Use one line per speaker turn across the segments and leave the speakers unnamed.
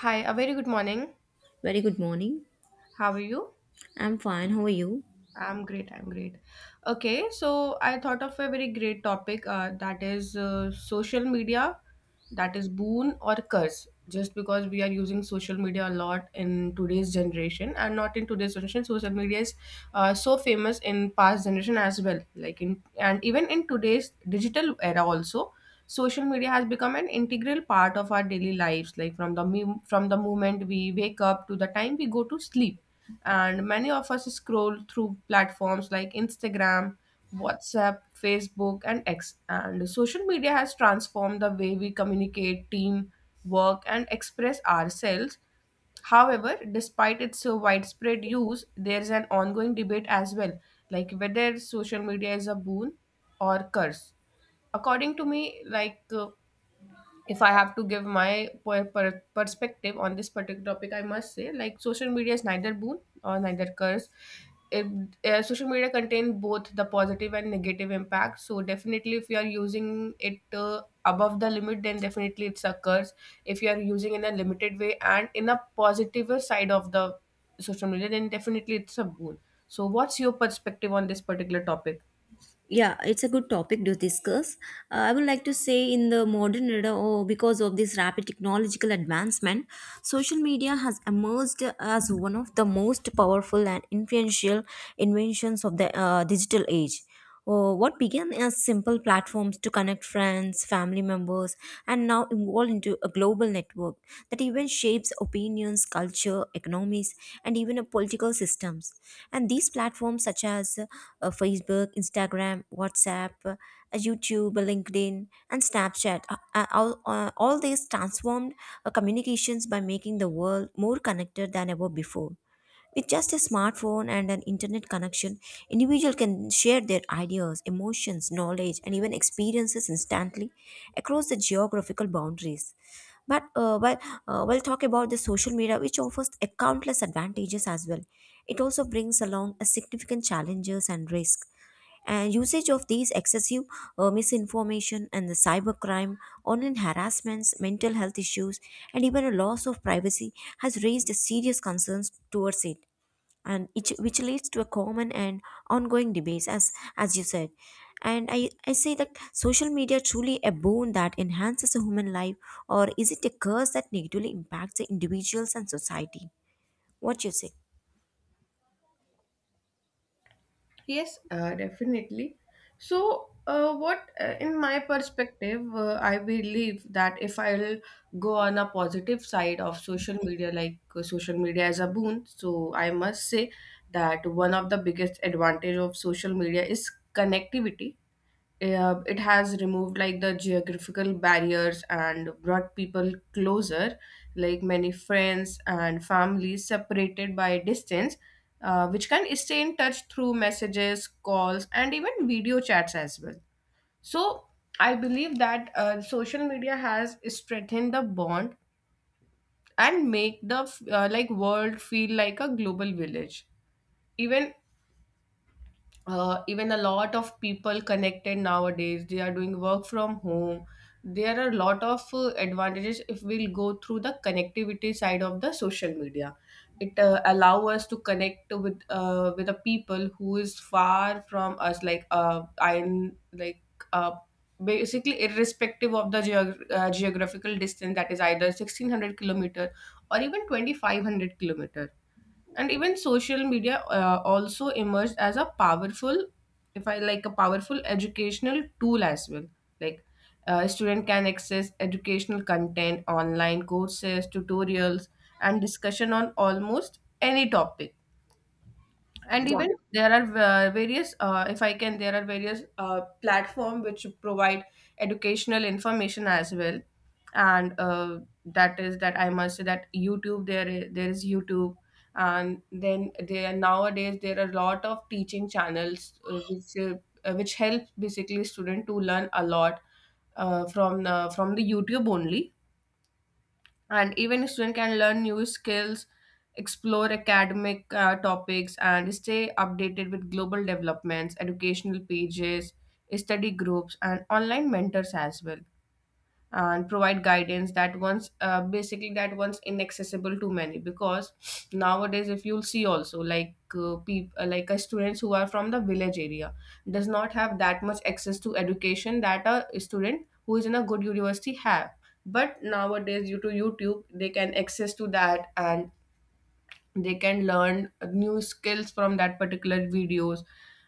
Hi, a very good morning.
Very good morning.
How are you?
I'm fine. How are you?
I'm great. I'm great. Okay, so I thought of a very great topic that is social media, that is boon or curse. Just because we are using social media a lot in today's generation and not in today's generation, social media is so famous in past generation as well. Like in and even in today's digital era also, social media has become an integral part of our daily lives. Like from the from the moment we wake up to the time we go to sleep. And many of us scroll through platforms like Instagram, WhatsApp, Facebook, and X. And social media has transformed the way we communicate, team, work, and express ourselves. However, despite its widespread use, there's an ongoing debate as well, like whether social media is a boon or curse. According to me, like if I have to give my perspective on this particular topic, I must say like social media is neither boon or neither curse. It, social media contain both the positive and negative impact. So definitely, if you are using it above the limit, then definitely it's a curse. If you are using in a limited way and in a positive side of the social media, then definitely it's a boon. So, what's your perspective on this particular topic?
Yeah, it's a good topic to discuss. I would like to say in the modern era or because of this rapid technological advancement, social media has emerged as one of the most powerful and influential inventions of the digital age. What began as simple platforms to connect friends, family members and now evolved into a global network that even shapes opinions, culture, economies, and even political systems, and these platforms such as Facebook, Instagram, WhatsApp, YouTube, LinkedIn, and Snapchat. All these transformed communications by making the world more connected than ever before. With just a smartphone and an internet connection, individuals can share their ideas, emotions, knowledge, and even experiences instantly across the geographical boundaries. But while we'll talk about the social media, which offers a countless advantages as well, it also brings along a significant challenges and risk. And usage of these excessive misinformation and the cybercrime, online harassments, mental health issues, and even a loss of privacy has raised serious concerns towards it and which leads to a common and ongoing debates as you said. And I say that social media truly a boon that enhances a human life, or is it a curse that negatively impacts the individuals and society? What you say?
Yes, definitely. So, what in my perspective, I believe that if I'll go on a positive side of social media, like social media as a boon, so I must say that one of the biggest advantage of social media is connectivity. Uh, it has removed like the geographical barriers and brought people closer, like many friends and families separated by distance, which can stay in touch through messages, calls and even video chats as well. So I believe that social media has strengthened the bond and make the like world feel like a global village. Even even a lot of people connected nowadays, they are doing work from home. There are a lot of advantages if we'll go through the connectivity side of the social media. It allow us to connect with the people who is far from us, like I'm like uh, basically irrespective of the geographical distance, that is either 1,600 kilometer or even 2,500 kilometer. And even social media also emerged as a powerful, if I like a powerful educational tool as well. Like a student can access educational content, online courses, tutorials and discussion on almost any topic. And
Yeah.
even there are various if I can there are various platform which provide educational information as well. And that is that I must say that YouTube, there is YouTube. And then there nowadays there are a lot of teaching channels which helps basically student to learn a lot from the YouTube only. And even a student can learn new skills, explore academic topics and stay updated with global developments, educational pages, study groups and online mentors as well, and provide guidance that once basically that once inaccessible to many. Because nowadays if you'll see also, like people like students who are from the village area does not have that much access to education that a student who is in a good university have. But nowadays due to YouTube, they can access to that and they can learn new skills from that particular videos.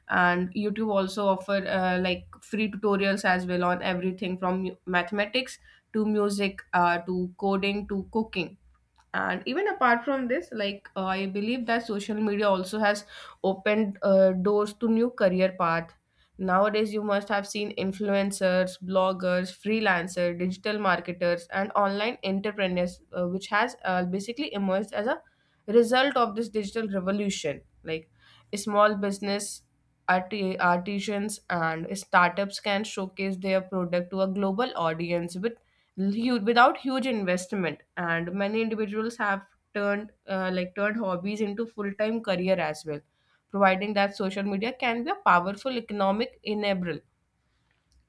And YouTube also offer like free tutorials as well, on everything from mathematics to music, to coding, to cooking. And even apart from this, like I believe that social media also has opened doors to new career path. Nowadays you must have seen influencers, bloggers, freelancer, digital marketers and online entrepreneurs, which has basically emerged as a result of this digital revolution. Like small business, artisans and startups can showcase their product to a global audience with without huge investment. And many individuals have turned turned hobbies into full-time career as well, providing that social media can be a powerful economic enabler.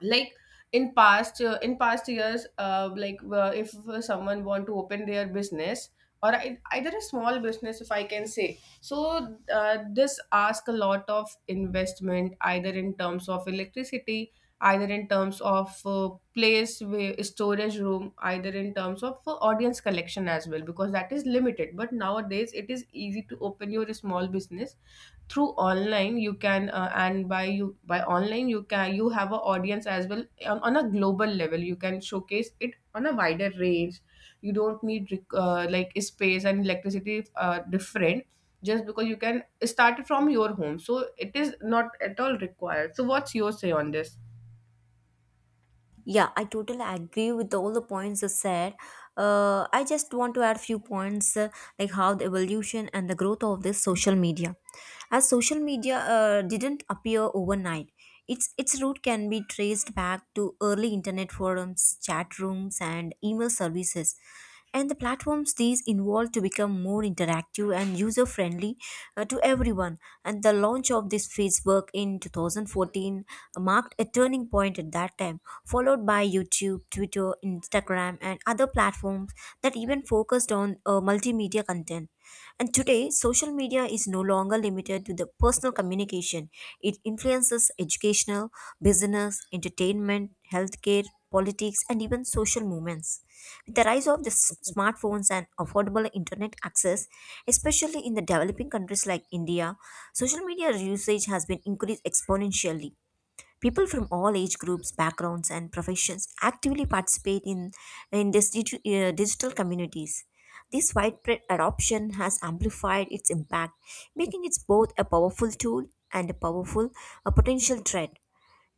Like in past years, if someone want to open their business or either a small business, if I can say so, this ask a lot of investment, either in terms of electricity, either in terms of place where storage room, either in terms of audience collection as well, because that is limited. But nowadays it is easy to open your small business through online. You can and by you by online you can, you have an audience as well on a global level. You can showcase it on a wider range. You don't need space and electricity different Just because you can start it from your home, so it is not at all required. So what's your say on this?
Yeah, I totally agree with all the points you said. I just want to add few points, like how the evolution and the growth of this social media. As social media didn't appear overnight, its root can be traced back to early internet forums, chat rooms, and email services, and the platforms these involve to become more interactive and user friendly to everyone. And the launch of this facebook in 2014 marked a turning point at that time, followed by youtube, twitter, instagram, and other platforms that even focused on multimedia content. And today, social media is no longer limited to the personal communication. It influences educational, business, entertainment, healthcare, politics, and even social movements. With the rise of the smartphones and affordable internet access, especially in the developing countries like India, social media usage has been increased exponentially. People from all age groups, backgrounds, and professions actively participate in these digital communities. This widespread adoption has amplified its impact, making it both a powerful tool and a powerful a potential threat.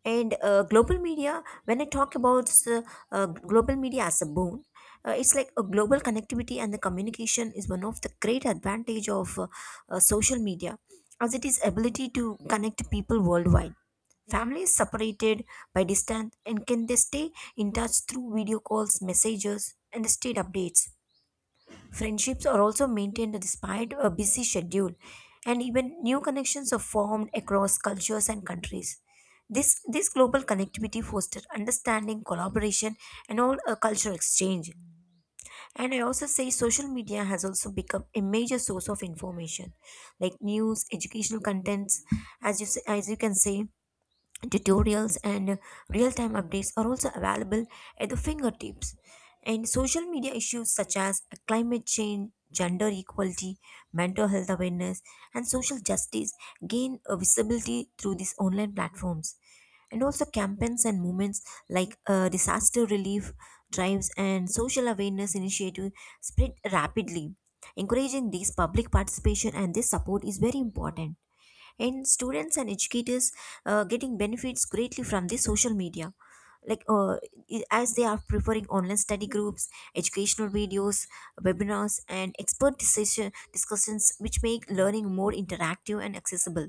And global media, when I talk about global media as a boon, it's like a global connectivity and the communication is one of the great advantage of social media, as it is ability to connect people worldwide. Families separated by distance and can they stay in touch through video calls, messages, and state updates. Friendships are also maintained despite a busy schedule, and even new connections are formed across cultures and countries. This global connectivity fosters understanding, collaboration, and all a cultural exchange. And I also say social media has also become a major source of information, like news, educational contents, as you say, as you can say, tutorials and real-time updates are also available at the fingertips. And social media issues such as climate change, gender equality, mental health awareness, and social justice gain a visibility through these online platforms. And also campaigns and movements like disaster relief drives and social awareness initiative spread rapidly, encouraging this public participation, and this support is very important. And students and educators getting benefits greatly from the social media, like as they are preferring online study groups, educational videos, webinars, and expert decision discussions, which make learning more interactive and accessible.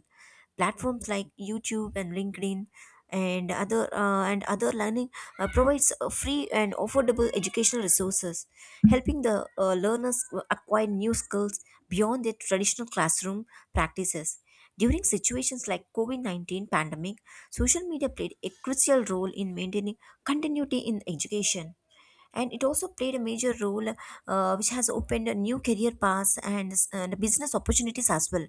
Platforms like youtube and linkedin and other learning provides free and affordable educational resources, helping the learners acquire new skills beyond their traditional classroom practices. During situations like covid-19 pandemic, social media played a crucial role in maintaining continuity in education. And it also played a major role, which has opened new career paths and business opportunities as well,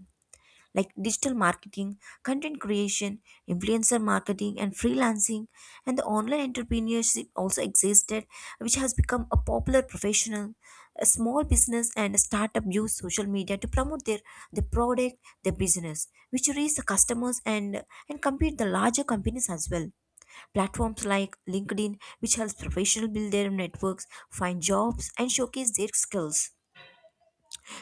like digital marketing, content creation, influencer marketing, and freelancing. And the online entrepreneurship also existed, which has become a popular professional. A small business and a startup use social media to promote their product, their business, which reach the customers and compete the larger companies as well. Platforms like LinkedIn, which helps professionals build their networks, find jobs, and showcase their skills,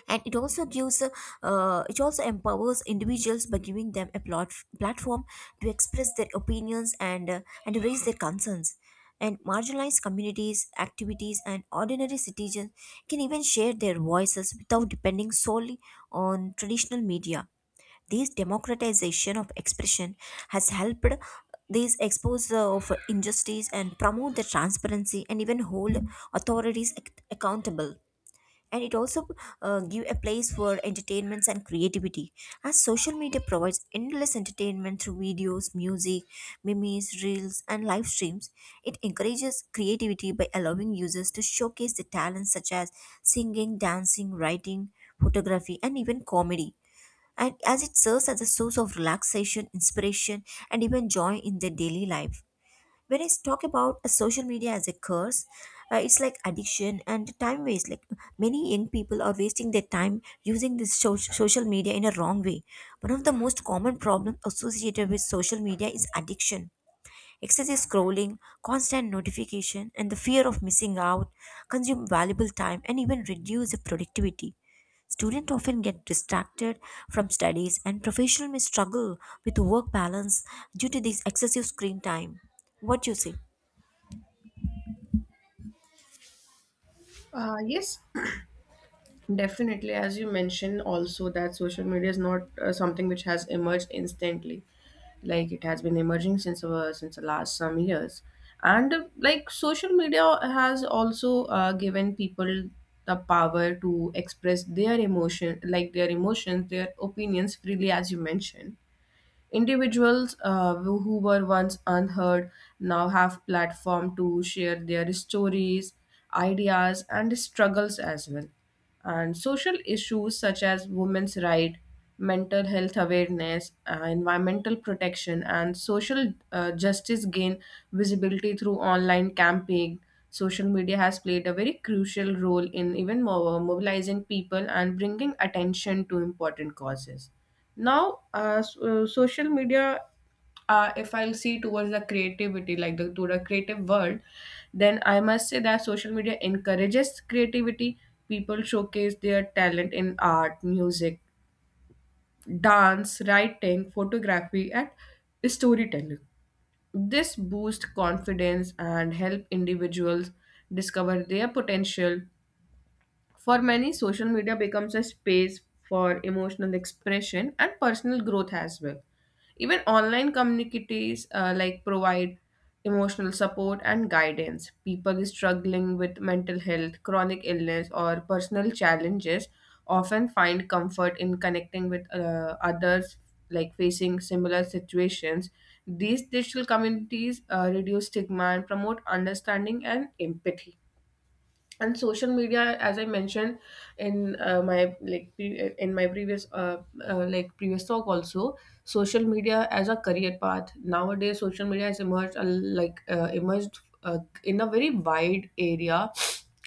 and it also gives, it also empowers individuals by giving them a platform to express their opinions and raise their concerns. And marginalized communities, activities, and ordinary citizens can even share their voices without depending solely on traditional media. This democratization of expression has helped these expose of injustice and promote the transparency and even hold authorities accountable. And it also give a place for entertainments and creativity, as social media provides endless entertainment through videos, music, memes, reels, and live streams. It encourages creativity by allowing users to showcase their talents, such as singing, dancing, writing, photography, and even comedy, and as it serves as a source of relaxation, inspiration, and even joy in their daily life. When I talk about a social media as a curse, it's like addiction and time waste. Like, many young people are wasting their time using this social media in a wrong way. One of the most common problems associated with social media is addiction. Excessive scrolling, constant notification, and the fear of missing out consume valuable time and even reduce the productivity. Students often get distracted from studies, and professionals may struggle with work balance due to this excessive screen time. What do you say?
Yes, definitely. As you mentioned, also that social media is not something which has emerged instantly. Like it has been emerging since the last some years, and like social media has also given people the power to express their emotion, like their emotions, their opinions freely, as you mentioned. Individuals who were once unheard now have platform to share their stories, ideas, and struggles as well. And social issues such as women's rights, mental health awareness, environmental protection, and social justice gain visibility through online campaign. Social media has played a very crucial role in even more mobilizing people and bringing attention to important causes. Now social media, if I'll see towards the creativity, like the to the creative world, then I must say that social media encourages creativity. People showcase their talent in art, music, dance, writing, photography and storytelling. This boosts confidence and help individuals discover their potential. For many, social media becomes a space for emotional expression and personal growth as well. Even online communities provide emotional support and guidance. People struggling with mental health, chronic illness, or personal challenges often find comfort in connecting with others like facing similar situations. These digital communities reduce stigma and promote understanding and empathy. And social media, as I mentioned in my previous previous talk also, social media as a career path, nowadays social media has emerged a, like emerged in a very wide area,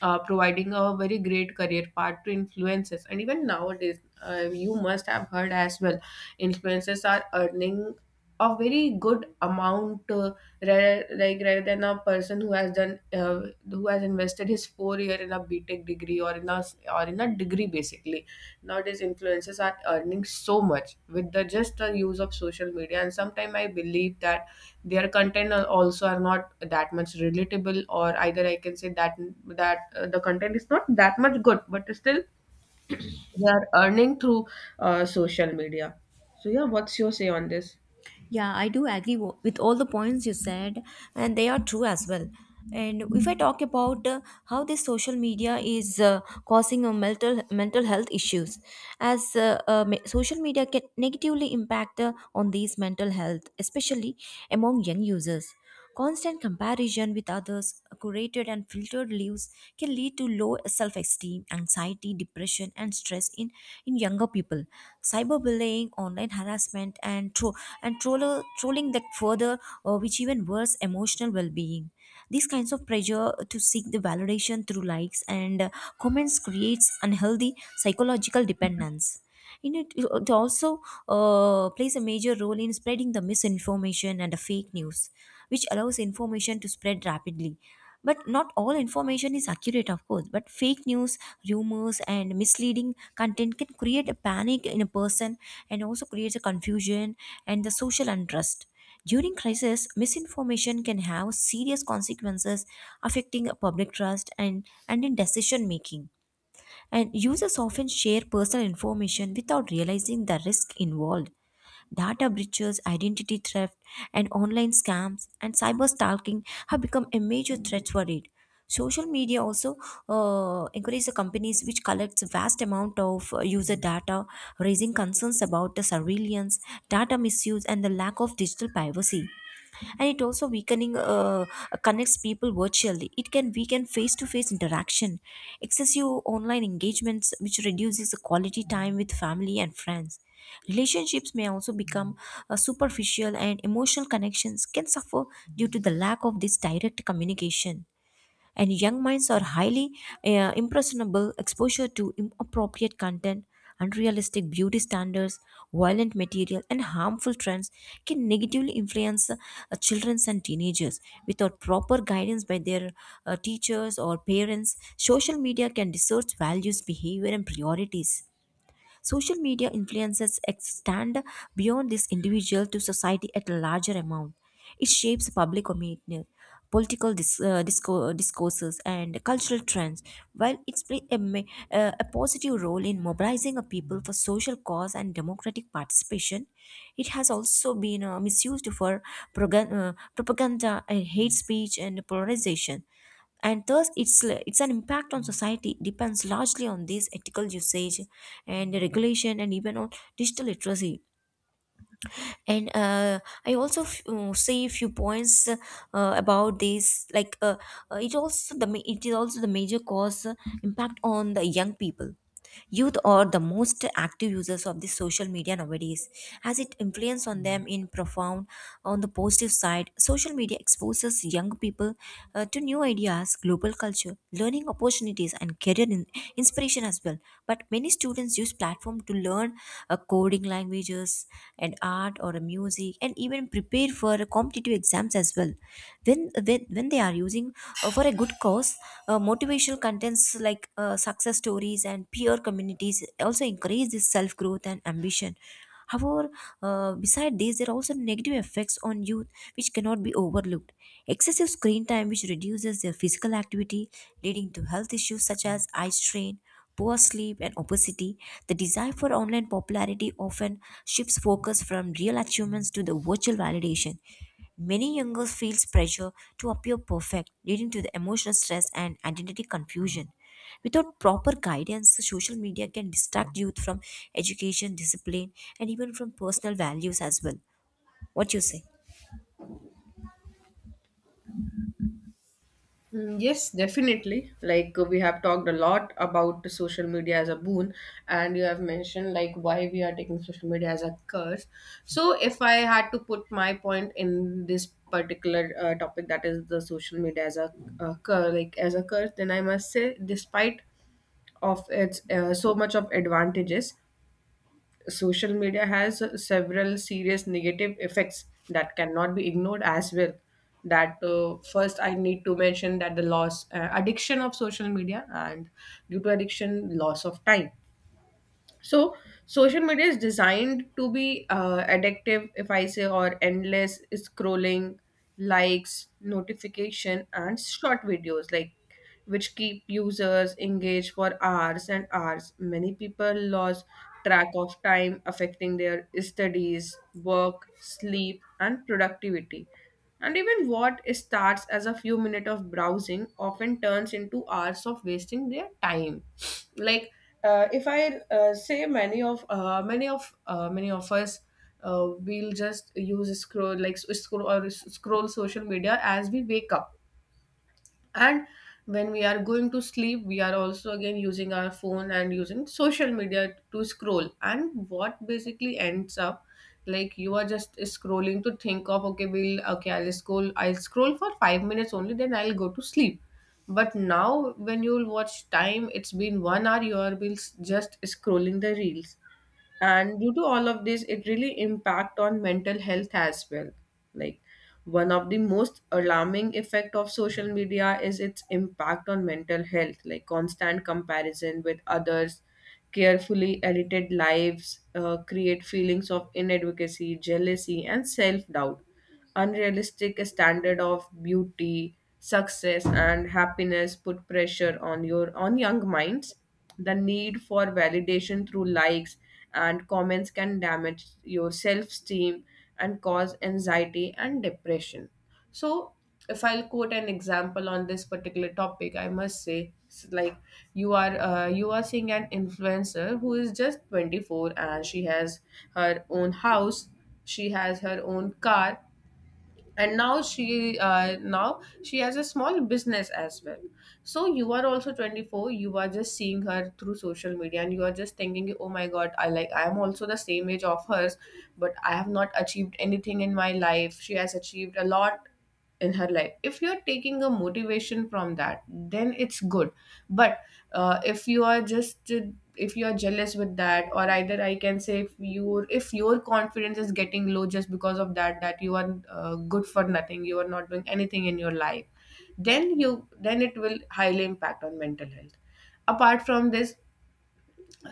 providing a very great career path to influencers. And even nowadays you must have heard as well, influencers are earning a very good amount, rather than a person who has done who has invested his 4 year in a btech degree or in a degree basically. Nowadays influencers are earning so much with the just the use of social media. And sometimes I believe that their content are also are not that much relatable, or either I can say that the content is not that much good, but still they are earning through social media. So yeah, what's your say on this?
Yeah, I do agree with all the points you said, and they are true as well. And if I talk about how this social media is causing a mental health issues, as social media can negatively impact on these mental health, especially among young users. Constant comparison with others, curated and filtered lives can lead to low self esteem, anxiety, depression, and stress in younger people. Cyberbullying, online harassment, and trolling that further, which even worse, emotional well being. These kinds of pressure to seek the validation through likes and comments creates unhealthy psychological dependence. And it also plays a major role in spreading the misinformation and the fake news, which allows information to spread rapidly. But not all information is accurate, of course. But fake news, rumors, and misleading content can create a panic in a person and also creates a confusion and the social unrest. During crisis, misinformation can have serious consequences affecting public trust and in decision making. And users often share personal information without realizing the risk involved. Data breaches, identity theft, and online scams and cyber stalking have become a major threat for it. Social media also encourages the companies which collects vast amount of user data, raising concerns about the surveillance, data misuse, and the lack of digital privacy. And it also weakening, connects people virtually, it can weaken face to face interaction. Excessive online engagements, which reduces the quality time with family and friends. Relationships may also become superficial and emotional connections can suffer due to the lack of this direct communication. And young minds are highly impressionable. Exposure to inappropriate content, unrealistic beauty standards, violent material, and harmful trends can negatively influence children and teenagers. Without proper guidance by their teachers or parents, social media can distort values, behavior, and priorities. Social media influences extend beyond this individual to society at a larger amount. It shapes public opinion, discourses, and cultural trends. While it's play a positive role in mobilizing a people for social cause and democratic participation, it has also been misused for propaganda, and hate speech, and polarization. And thus its an impact on society depends largely on this ethical usage and regulation and even on digital literacy. And say a few points about this, like it is also the major cause, impact on the young people. Youth are the most active users of the social media nowadays, as it influence on them in profound. On the positive side, social media exposes young people to new ideas, global culture, learning opportunities, and inspiration as well. But many students use platform to learn coding languages and art or music, and even prepare for competitive exams as well when they are using for a good cause. Motivational contents like success stories and peer communities also encourage this self growth and ambition. However, beside this, there are also negative effects on youth which cannot be overlooked. Excessive screen time, which reduces their physical activity, leading to health issues such as eye strain, poor sleep, and obesity. The desire for online popularity often shifts focus from real achievements to the virtual validation. Many young girls feel pressure to appear perfect, leading to the emotional stress and identity confusion. Without proper guidance, social media can distract youth from education, discipline, and even from personal values as well. What you say?
Mm, yes, definitely. Like we have talked a lot about the social media as a boon, and you have mentioned like why we are taking social media as a curse. So, if I had to put my point in this particular topic, that is the social media as a curse, like as a curse, then I must say, despite of its so much of advantages, social media has several serious negative effects that cannot be ignored as well. That first I need to mention that the loss addiction of social media, and due to addiction loss of time. So social media is designed to be addictive, if I say, or endless scrolling, likes, notification and short videos, like which keep users engaged for hours and hours. Many people lose track of time, affecting their studies, work, sleep and productivity. And even what starts as a few minutes of browsing often turns into hours of wasting their time. Like if I say many of many of many of us we'll just use scroll like scroll social media as we wake up, and when we are going to sleep we are also again using our phone and using social media to scroll. And what basically ends up like, you are just scrolling to think of, okay, we'll okay I'll scroll, for 5 minutes only, then I'll go to sleep. But now when you'll watch time, it's been 1 hour you are just scrolling the reels. And due to all of this, it really impact on mental health as well. Like, one of the most alarming effect of social media is its impact on mental health, like constant comparison with others, carefully edited lives create feelings of inadequacy, jealousy and self doubt. Unrealistic standard of beauty, success, and happiness put pressure on your on young minds. The need for validation through likes and comments can damage your self-esteem and cause anxiety and depression. So, if I'll quote an example on this particular topic, I must say, like, you are seeing an influencer who is just 24 and she has her own house, she has her own car, and now she has a small business as well. So you are also 24, you are just seeing her through social media and you are just thinking, oh my god, I I am also the same age of hers, but I have not achieved anything in my life. She has achieved a lot in her life. If you're taking a motivation from that, then it's good. But if you are just, if you are jealous with that, or either I can say if your confidence is getting low just because of that, that you are good for nothing, you are not doing anything in your life, then it will highly impact on mental health. Apart from this,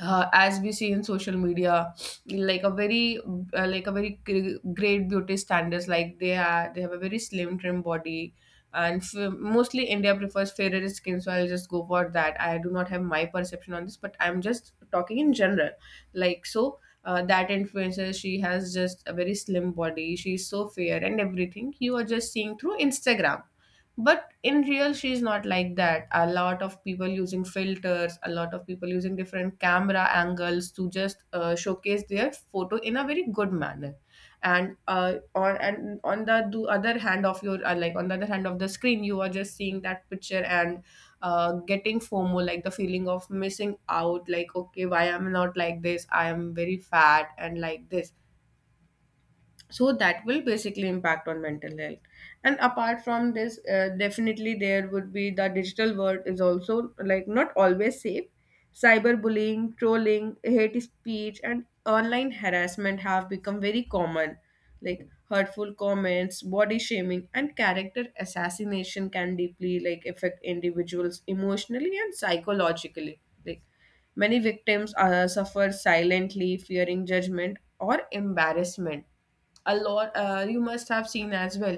as we see in social media, like a very, like a very great beauty standards, like they have a very slim trim body. And mostly India prefers fairer skin, so I'll just go for that. I do not have my perception on this, but I'm just talking in general. like so that influencer, she has just a very slim body, she's so fair and everything, you are just seeing through Instagram, but in real she's not like that. A lot of people using filters, a lot of people using different camera angles to just showcase their photo in a very good manner. And on and on the, do other hand of your like on the other hand of the screen, you are just seeing that picture and getting FOMO, like the feeling of missing out, like, okay, why I'm not like this, I am very fat and like this. So that will basically impact on mental health. And apart from this, definitely there would be, the digital world is also like not always safe. Cyberbullying, trolling, hate speech and online harassment have become very common, like hurtful comments, body shaming and character assassination can deeply like affect individuals emotionally and psychologically. Like, many victims suffer silently, fearing judgment or embarrassment. A lot, you must have seen as well,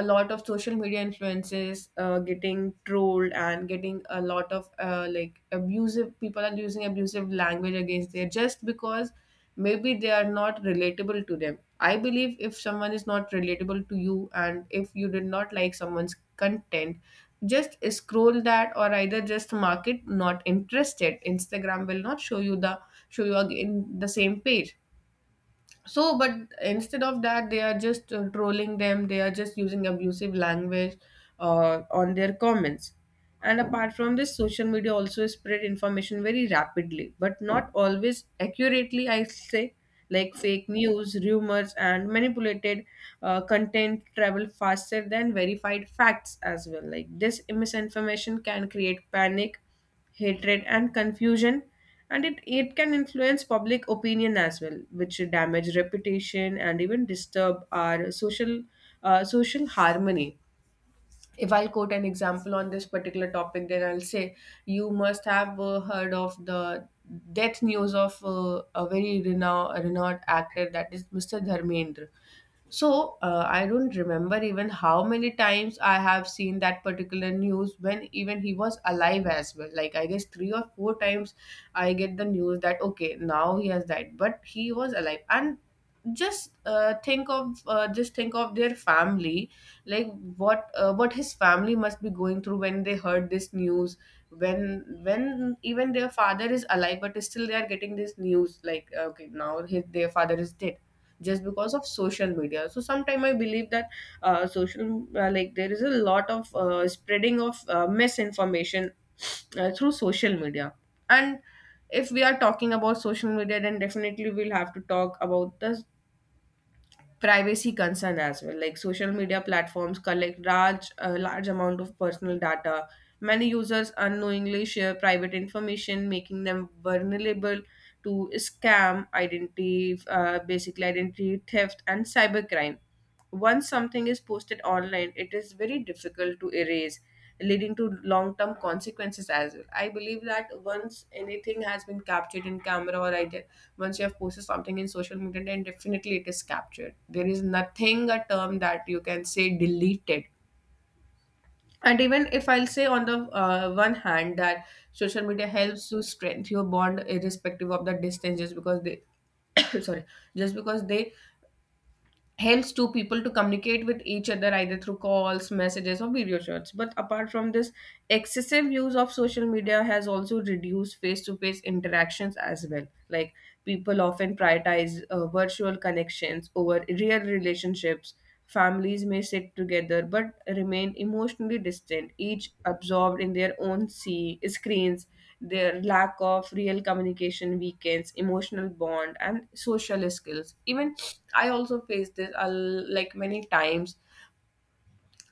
a lot of social media influences getting trolled and getting a lot of like abusive, people are using abusive language against there just because maybe they are not relatable to them. I believe if someone is not relatable to you, and if you did not like someone's content, just scroll that, or either just mark it not interested. Instagram will not show you again the same page. But instead of that, they are just trolling them, they are just using abusive language on their comments. And apart from this, social media also spread information very rapidly but not always accurately, I say. Like fake news, rumors and manipulated content travel faster than verified facts as well. Like this misinformation can create panic, hatred and confusion, and it can influence public opinion as well, which damage reputation and even disturb our social social harmony. If I'll quote an example on this particular topic, then I'll say, you must have heard of the death news of a very renowned actor, that is Mr. Dharmendra. So I don't remember even how many times I have seen that particular news when even he was alive as well. Like I guess three or four times I get the news that, okay, now he has died, but he was alive. And just think of just think of their family, like, what his family must be going through when they heard this news. When even their father is alive, but still they are getting this news like, okay, now his their father is dead, just because of social media. So sometimes I believe that social like there is a lot of spreading of misinformation through social media. And if we are talking about social media, then definitely we'll have to talk about the privacy concern as well. Like, social media platforms collect large amount of personal data, many users unknowingly share private information, making them vulnerable to scam identity, basically identity theft and cybercrime. Once something is posted online, it is very difficult to erase, leading to long term consequences as well. I believe that once anything has been captured in camera, or either once you have posted something in social media, then definitely it is captured. There is nothing a term that you can say deleted. And even if I'll say, on the one hand, that social media helps to strengthen your bond irrespective of the distance, just because they sorry, just because they helps two people to communicate with each other either through calls, messages or video chats. But apart from this, excessive use of social media has also reduced face-to-face interactions as well. Like, people often prioritize virtual connections over real relationships. Families may sit together but remain emotionally distant, each absorbed in their own screens. Their lack of real communication weakens emotional bond and social skills even. I also face this like many times.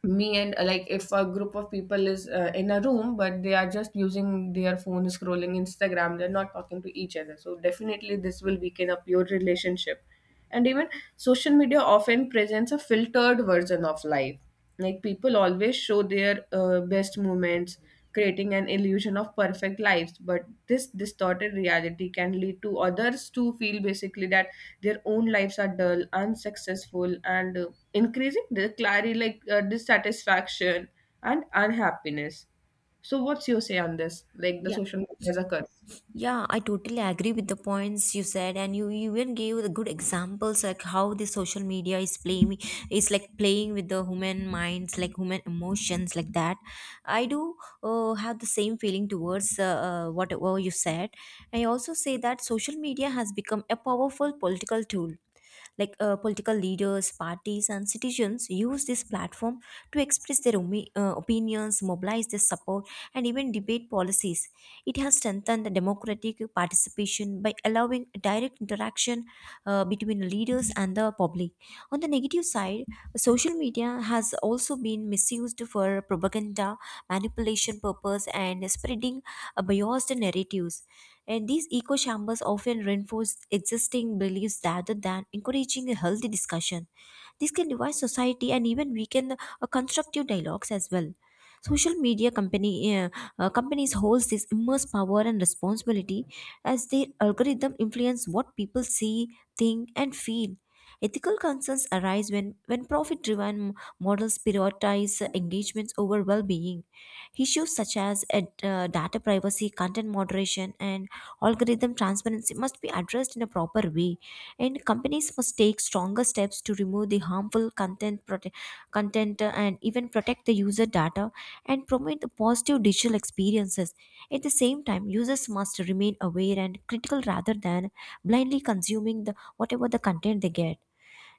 Me and like, if a group of people is in a room but they are just using their phone scrolling Instagram, they're not talking to each other, so definitely this will weaken up your relationship. And even social media often presents a filtered version of life, like people always show their best moments, creating an illusion of perfect lives. But this distorted reality can lead to others to feel basically that their own lives are dull, unsuccessful, and increasing the clarity, like dissatisfaction and unhappiness. So, what's your say on this? Like the
Yeah.
social media as a curse.
Yeah, I totally agree with the points you said, and you even gave the good examples like how the social media is playing is like playing with the human minds, like human emotions, like that. I do have the same feeling towards whatever you said. I also say that social media has become a powerful political tool, like political leaders, parties, and citizens use this platform to express their opinions, mobilize their support, and even debate policies. It has strengthened the democratic participation by allowing direct interaction between leaders and the public. On the negative side, social media has also been misused for propaganda, manipulation purpose, and spreading biased narratives, and these echo chambers often reinforce existing beliefs rather than encouraging a healthy discussion. This can divide society and even weaken the constructive dialogues as well. Social media company companies holds this immense power and responsibility, as their algorithm influence what people see, think, and feel. Ethical concerns arise when profit driven models prioritize engagements over well being. Issues such as data privacy, content moderation, and algorithm transparency must be addressed in a proper way, and companies must take stronger steps to remove the harmful content and even protect the user data and promote the positive digital experiences. At the same time, users must remain aware and critical rather than blindly consuming the whatever the content they get.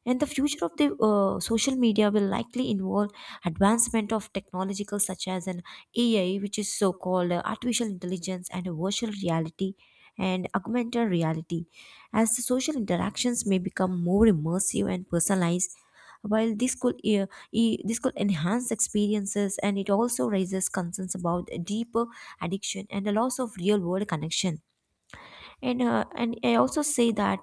And the future of the social media will likely involve advancement of technological such as an AI, which is so called artificial intelligence, and a virtual reality and augmented reality, as the social interactions may become more immersive and personalized. While this could this could enhance experiences, and it also raises concerns about a deeper addiction and the loss of real world connection. And I also say that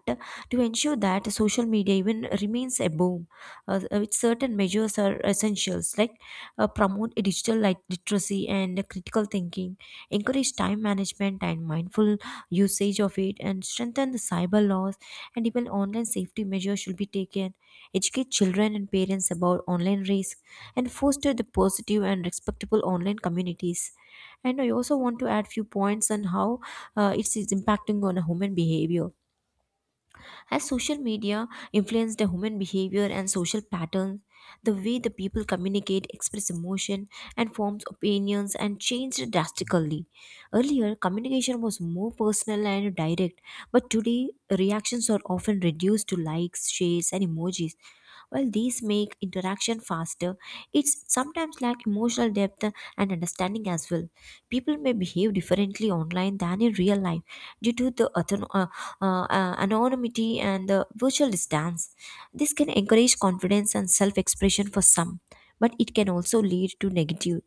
to ensure that social media even remains a boom, with certain measures are essentials, like promote a digital literacy and critical thinking, encourage time management and mindful usage of it, and strengthen the cyber laws and even online safety measures should be taken, educate children and parents about online risk, and foster the positive and respectable online communities. And I also want to add few points on how it's impacting on a human behavior. As social media influenced the human behavior and social patterns, the way the people communicate, express emotion, and forms opinions and changed drastically. Earlier, communication was more personal and direct, but today reactions are often reduced to likes, shares, and emojis. While these make interaction faster, it's sometimes lack emotional depth and understanding as well. People may behave differently online than in real life, due to the anonymity and the virtual distance. This can encourage confidence and self expression for some, but it can also lead to negative,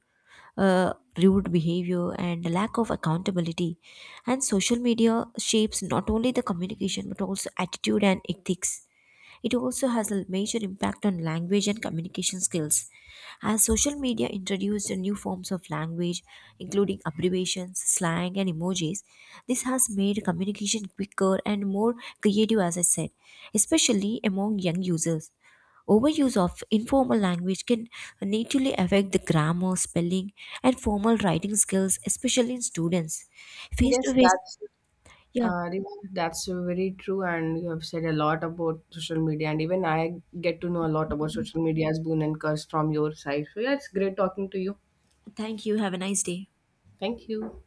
uh, rude behavior and lack of accountability. And social media shapes not only the communication but also attitude and ethics. It also has a major impact on language and communication skills. As social media introduced new forms of language, including abbreviations, slang, and emojis, this has made communication quicker and more creative, as I said, especially among young users. Overuse of informal language can negatively affect the grammar, spelling, and formal writing skills, especially in students. Face to
Yes,
face,
that's
yeah.
Riva, that's very true, and you have said a lot about social media, and even I get to know a lot about social media's boon and curse from your side. So yeah, it's great talking to you.
Thank you. Have a nice day.
Thank you.